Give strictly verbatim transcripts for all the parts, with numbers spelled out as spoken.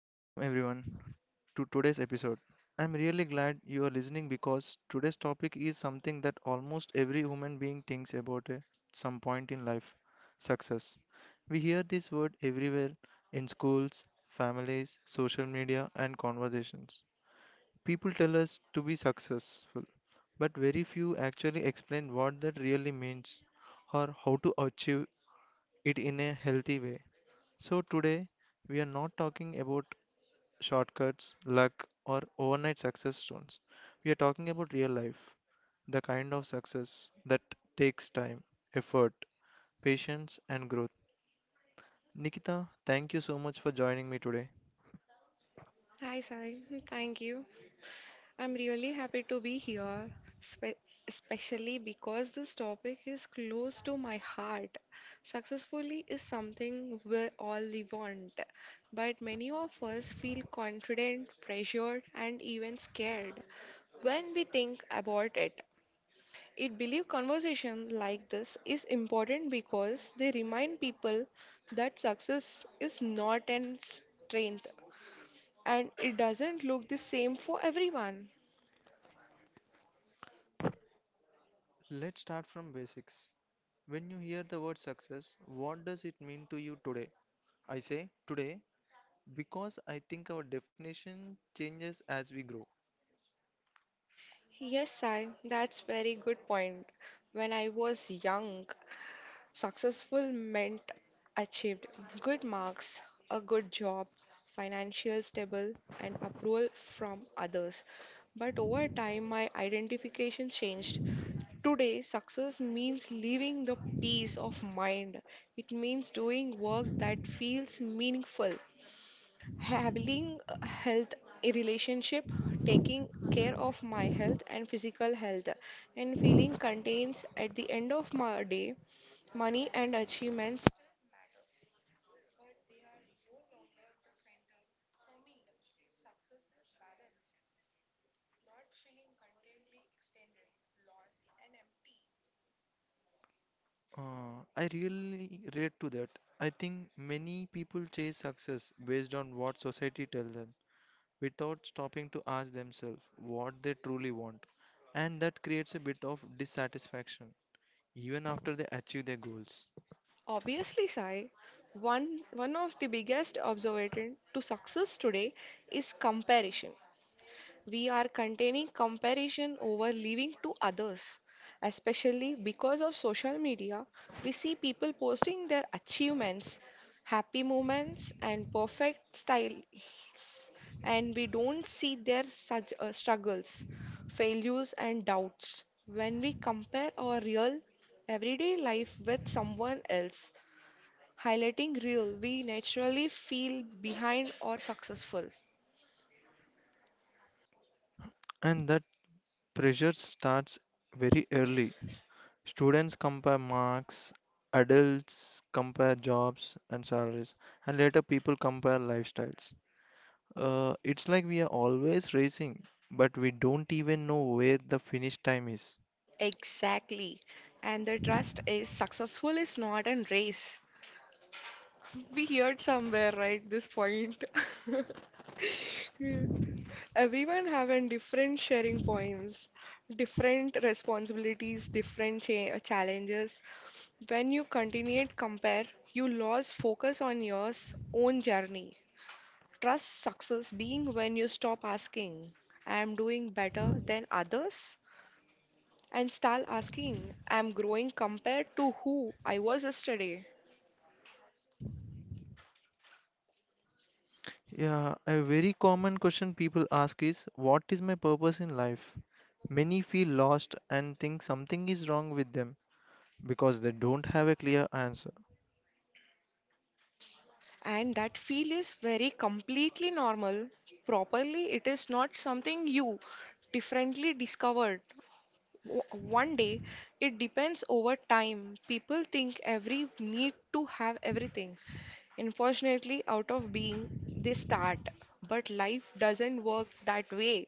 Welcome everyone to today's episode. I'm really glad you are listening because today's topic is something that almost every human being thinks about at some point in life, success. We hear this word everywhere in schools, families, social media, and conversations. People tell us to be successful, but very few actually explain what that really means or how to achieve it in a healthy way. So, today we are not talking about shortcuts, luck, or overnight success stones. We are talking about real life, the kind of success that takes time, effort, patience, and growth. Nikita, thank you so much for joining me today. Hi, Sai. Thank you. I'm really happy to be here, spe especially because this topic is close to my heart. Successfully is something we all want, but many of us feel confident, pressured, and even scared when we think about it. It believe conversation like this is important because they remind people that success is not an strength and it doesn't look the same for everyone. Let's start from basics. When you hear the word success, what does it mean to you today? I say today because I think our definition changes as we grow. Yes, Sai, that's very good point. When I was young, successful meant achieved good marks, a good job, financial stable, and approval from others. But over time, my identification changed. Today, success means living the peace of mind. It means doing work that feels meaningful, having a health in relationship, taking care of my health and physical health, and feeling contains at the end of my day, money and achievements. Uh, I really relate to that. I think many people chase success based on what society tells them, without stopping to ask themselves what they truly want. And that creates a bit of dissatisfaction even after they achieve their goals. Obviously, sai, one one of the biggest observation to success today is comparison. We are containing comparison over living to others, especially because of social media. We see people posting their achievements, happy moments, and perfect styles, and we don't see their sug- uh, struggles, failures, and doubts. When we compare our real everyday life with someone else, highlighting real, we naturally feel behind or successful. And that pressure starts very early. Students compare marks, adults compare jobs and salaries, and later people compare lifestyles. Uh, it's like we are always racing, but we don't even know where the finish time is. Exactly. And the trust is successful is not a race. We heard somewhere, right, this point. Everyone having different sharing points, different responsibilities, different cha uh, challenges. When you continue to compare, you lose focus on your s- own journey. Trust success being when you stop asking, I am doing better than others, and start asking, I'm growing compared to who I was yesterday. Yeah, a very common question people ask is, what is my purpose in life? Many feel lost and think something is wrong with them because they don't have a clear answer. And that feel is very completely normal. Properly, it is not something you differently discovered. O- One day, it depends over time. People think every need to have everything. Unfortunately, out of being, they start. But life doesn't work that way.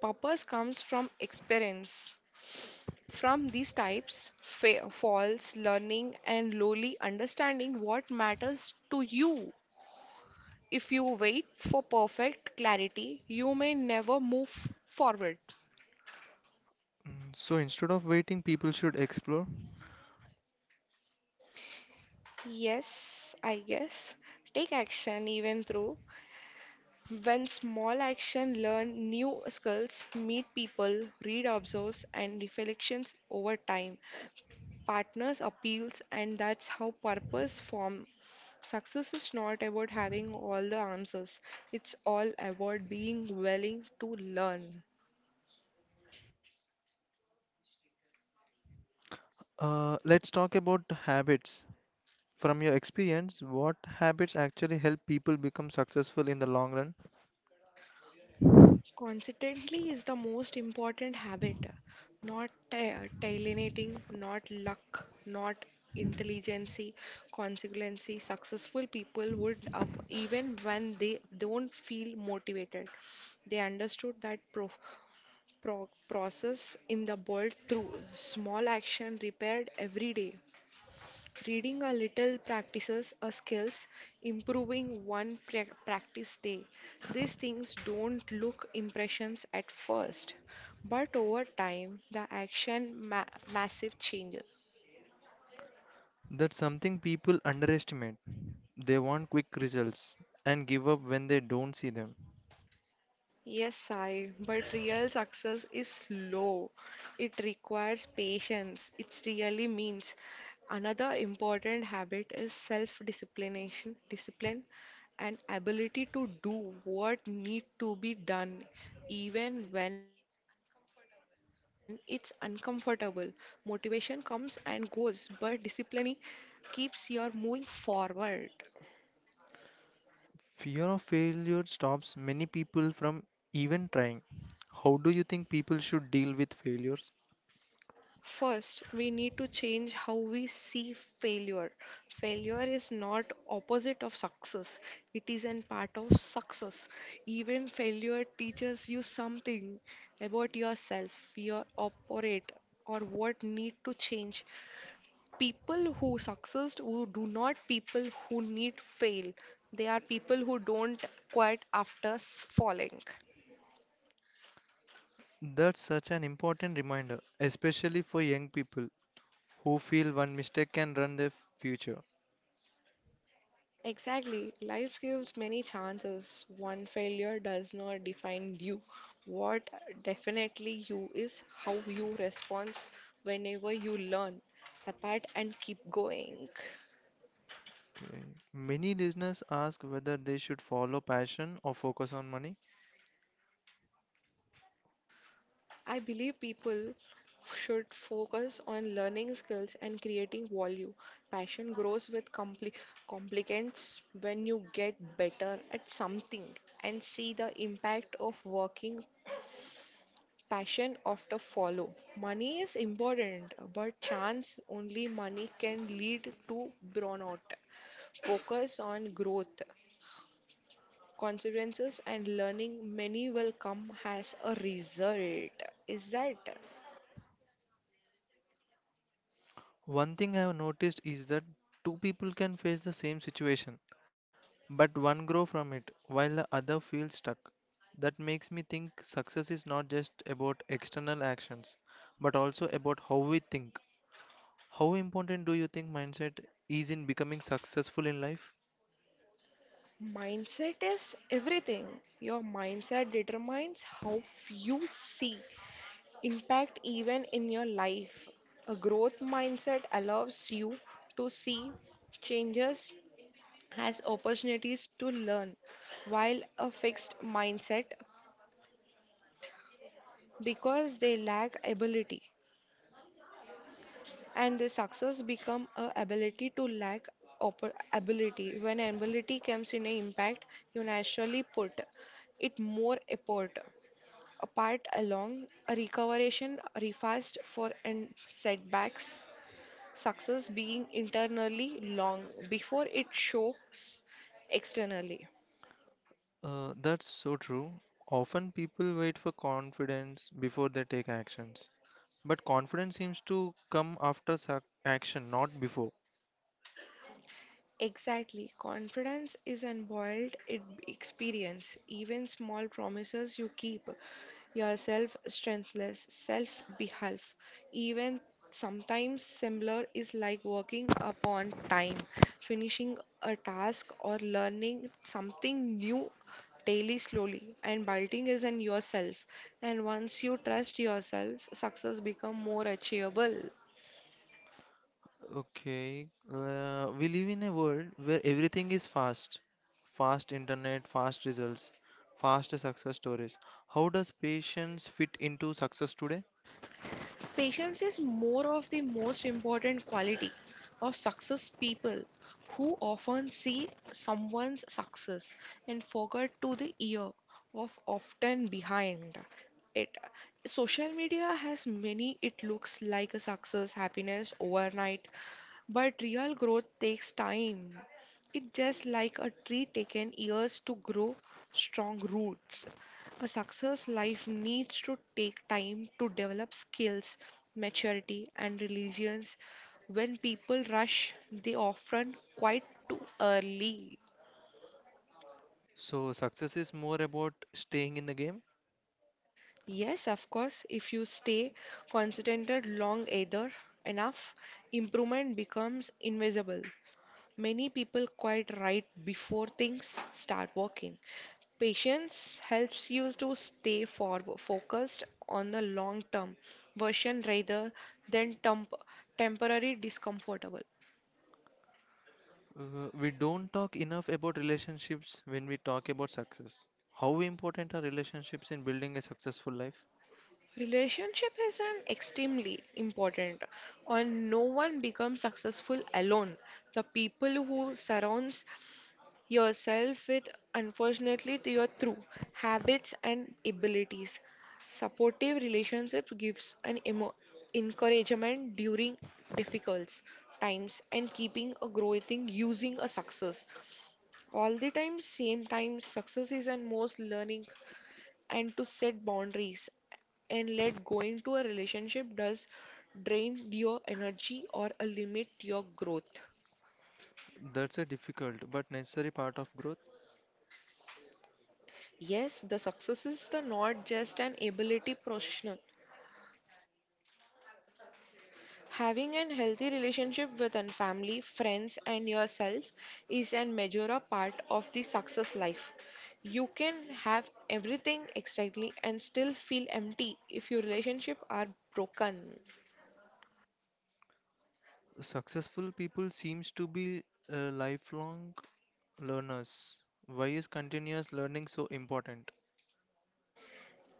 Purpose comes from experience. From these types fa- falls learning and lowly understanding what matters to you. If you wait for perfect clarity, you may never move forward. Mm, So instead of waiting, people should explore. Yes, I guess. Take action even through. When small action, learn new skills, meet people, read observes and reflections over time, partners appeals, and that's how purpose form. Success is not about having all the answers, it's all about being willing to learn. Uh, let's talk about habits. From your experience, what habits actually help people become successful in the long run? Consistently is the most important habit, not ta- talentating, not luck, not intelligence. Consequency successful people would up even when they don't feel motivated. They understood that proof pro- process in the world through small action repaired every day. Reading a little, practices a skills, improving one pra- practice day. These things don't look impressions at first, but over time, the action ma- massive changes. That's something people underestimate. They want quick results and give up when they don't see them. Yes, Sai, but real success is slow. It requires patience. It really means. Another important habit is self-disciplination, discipline, and ability to do what need to be done, even when it's uncomfortable. Motivation comes and goes, but discipline keeps you moving forward. Fear of failure stops many people from even trying. How do you think people should deal with failures? First, we need to change how we see failure. Failure is not opposite of success. It is an part of success. Even failure teaches you something about yourself, your operate, or what need to change. People who succeed who do not people who need fail. They are people who don't quit after s- falling. That's such an important reminder, especially for young people who feel one mistake can run their future. Exactly. Life gives many chances. One failure does not define you. What definitely you is how you respond. Whenever you learn, apart and keep going. Okay. Many listeners ask whether they should follow passion or focus on money. I believe people should focus on learning skills and creating value. Passion grows with compli complications. When you get better at something and see the impact of working, passion often follow. Money is important, but chance only money can lead to burnout. Focus on growth, consequences, and learning. Many will come as a result. Is that One thing I have noticed is that two people can face the same situation, but one grow from it while the other feels stuck. That makes me think success is not just about external actions, but also about how we think. How important do you think mindset is in becoming successful in life? mindset is everything. Your mindset determines how you see impact even in your life. A growth mindset allows you to see changes has opportunities to learn, while a fixed mindset, because they lack ability, and the success become a ability to lack oppor- ability. When ability comes in an impact, you naturally put it more effort, apart along a recoveration refast for and setbacks. Success being internally long before it shows externally. Uh, that's so true. Often people wait for confidence before they take actions. But confidence seems to come after suc action, not before. Exactly. Confidence is unboiled it experience. Even small promises you keep yourself strengthless, self behalf. Even sometimes similar is like working upon time, finishing a task, or learning something new daily, slowly, and building is in yourself. And once you trust yourself, success become more achievable. Okay, uh, we live in a world where everything is fast. Fast internet, fast results, fast success stories. How does patience fit into success today? Patience is more of the most important quality of success. People who often see someone's success and forget to the year of often behind it. Social media has many it looks like a success happiness overnight, but real growth takes time. It just like a tree taken years to grow strong roots. A success life needs to take time to develop skills, maturity, and resilience. When people rush, they often quite too early. So, success is more about staying in the game. Yes, of course, if you stay concentrated long either enough, improvement becomes invisible. Many people quite right before things start working. Patience helps you to stay forward, focused on the long term version rather than temp- temporary discomfortable. Uh, we don't talk enough about relationships when we talk about success. How important are relationships in building a successful life? Relationship is an extremely important, and no one becomes successful alone. The people who surrounds yourself with unfortunately to your true habits and abilities. Supportive relationships gives an emo- encouragement during difficult times, and keeping a growing using a success all the time. Same time, success is and most learning, and to set boundaries and let going to a relationship does drain your energy or a limit your growth. That's a difficult but necessary part of growth. Yes, the success is the not just an ability professional. Having a healthy relationship with an family, friends, and yourself is an major a part of the success life. You can have everything externally and still feel empty if your relationship are broken. Successful people seems to be uh, lifelong Learners, why is continuous learning so important?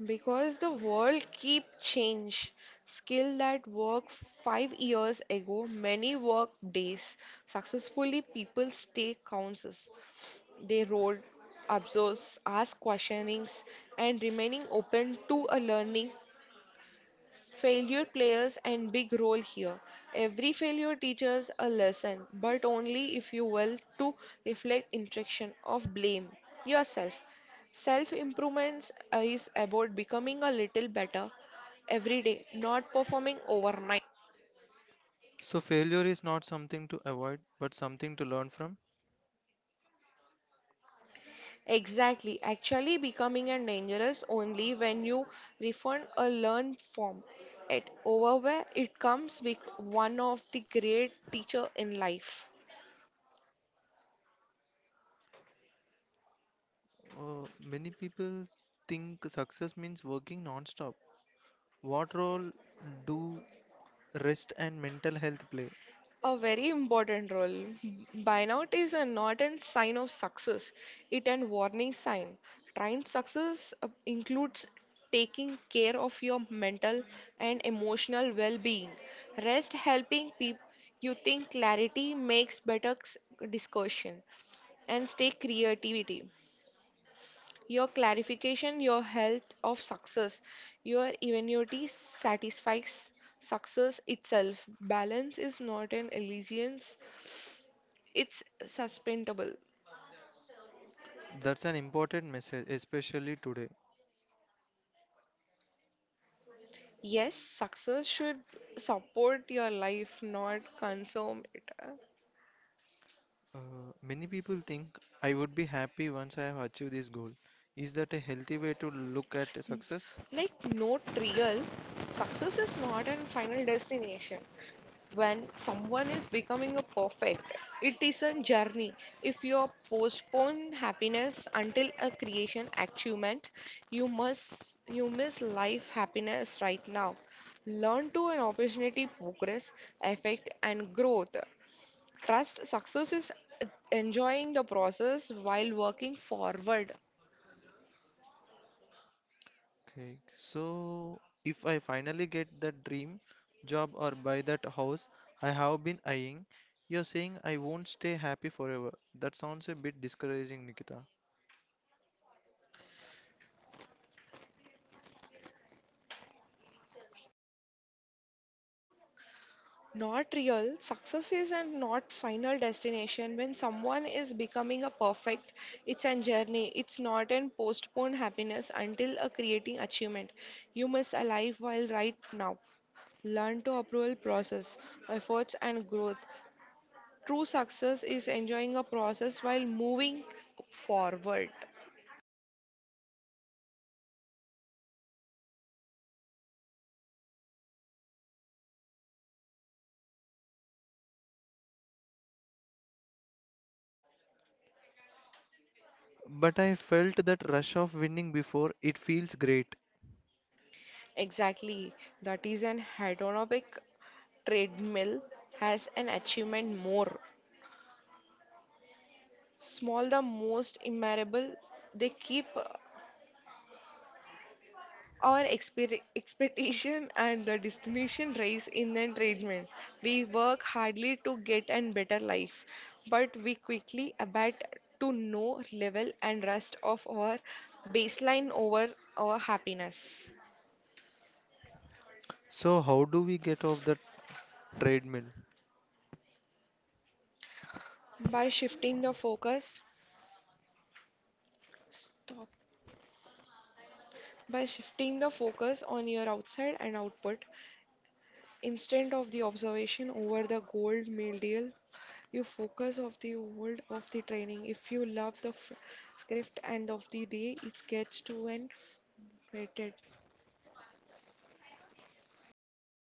Because the world keep change. Skill that work five years ago, many work days. Successfully people stay counts. They role observes, ask questionings, and remaining open to a learning. Failure plays a big role here. Every failure teaches a lesson, but only if you will to reflect interaction of blame yourself. Self improvement is about becoming a little better every day, not performing overnight. So, failure is not something to avoid, but something to learn from. Exactly, actually becoming and dangerous only when you refund a learned form. It over where it comes with one of the great teacher in life. Uh, many people think success means working non-stop. What role do rest and mental health play? A very important role. Burnout is a not a sign of success, it an warning sign. Trained success uh, includes taking care of your mental and emotional well-being. Rest helping people you think clarity, makes better s- discussion, and stay creativity. Your clarification, your health of success, your eventuality satisfies success itself. Balance is not an illusion, it's suspendable. That's an important message, especially today. Yes, success should support your life, not consume it. Uh, Many people think, I would be happy once I have achieved this goal. Is that a healthy way to look at success? Like, no trial, success is not an final destination. When someone is becoming a perfect, it is a journey. If you postpone happiness until a creation achievement, you must you miss life happiness right now. Learn to an opportunity, progress, effect, and growth. Trust success is enjoying the process while working forward. Okay, so if I finally get that dream job or buy that house I have been eyeing, you're saying I won't stay happy forever. That sounds a bit discouraging, Nikita. Not real success is and not final destination. When someone is becoming a perfect, it's a journey. It's not an postponed happiness until a creating achievement. You must alive while right now. Learn to approval process, efforts, and growth. True success is enjoying a process while moving forward. But I felt that rush of winning before, it feels great. Exactly. That is an hedonic treadmill has an achievement more. Small, the most immeasurable, they keep our expe- expectation and the destination race in the treadmill. We work hardly to get a better life, but we quickly abate to no level and rest of our baseline over our happiness. So, how do we get off the treadmill? By shifting the focus, stop. By shifting the focus on your outside and output instead of the observation over the gold medal, you focus of the world of the training. If you love the f- script end of the day, it gets to an rated.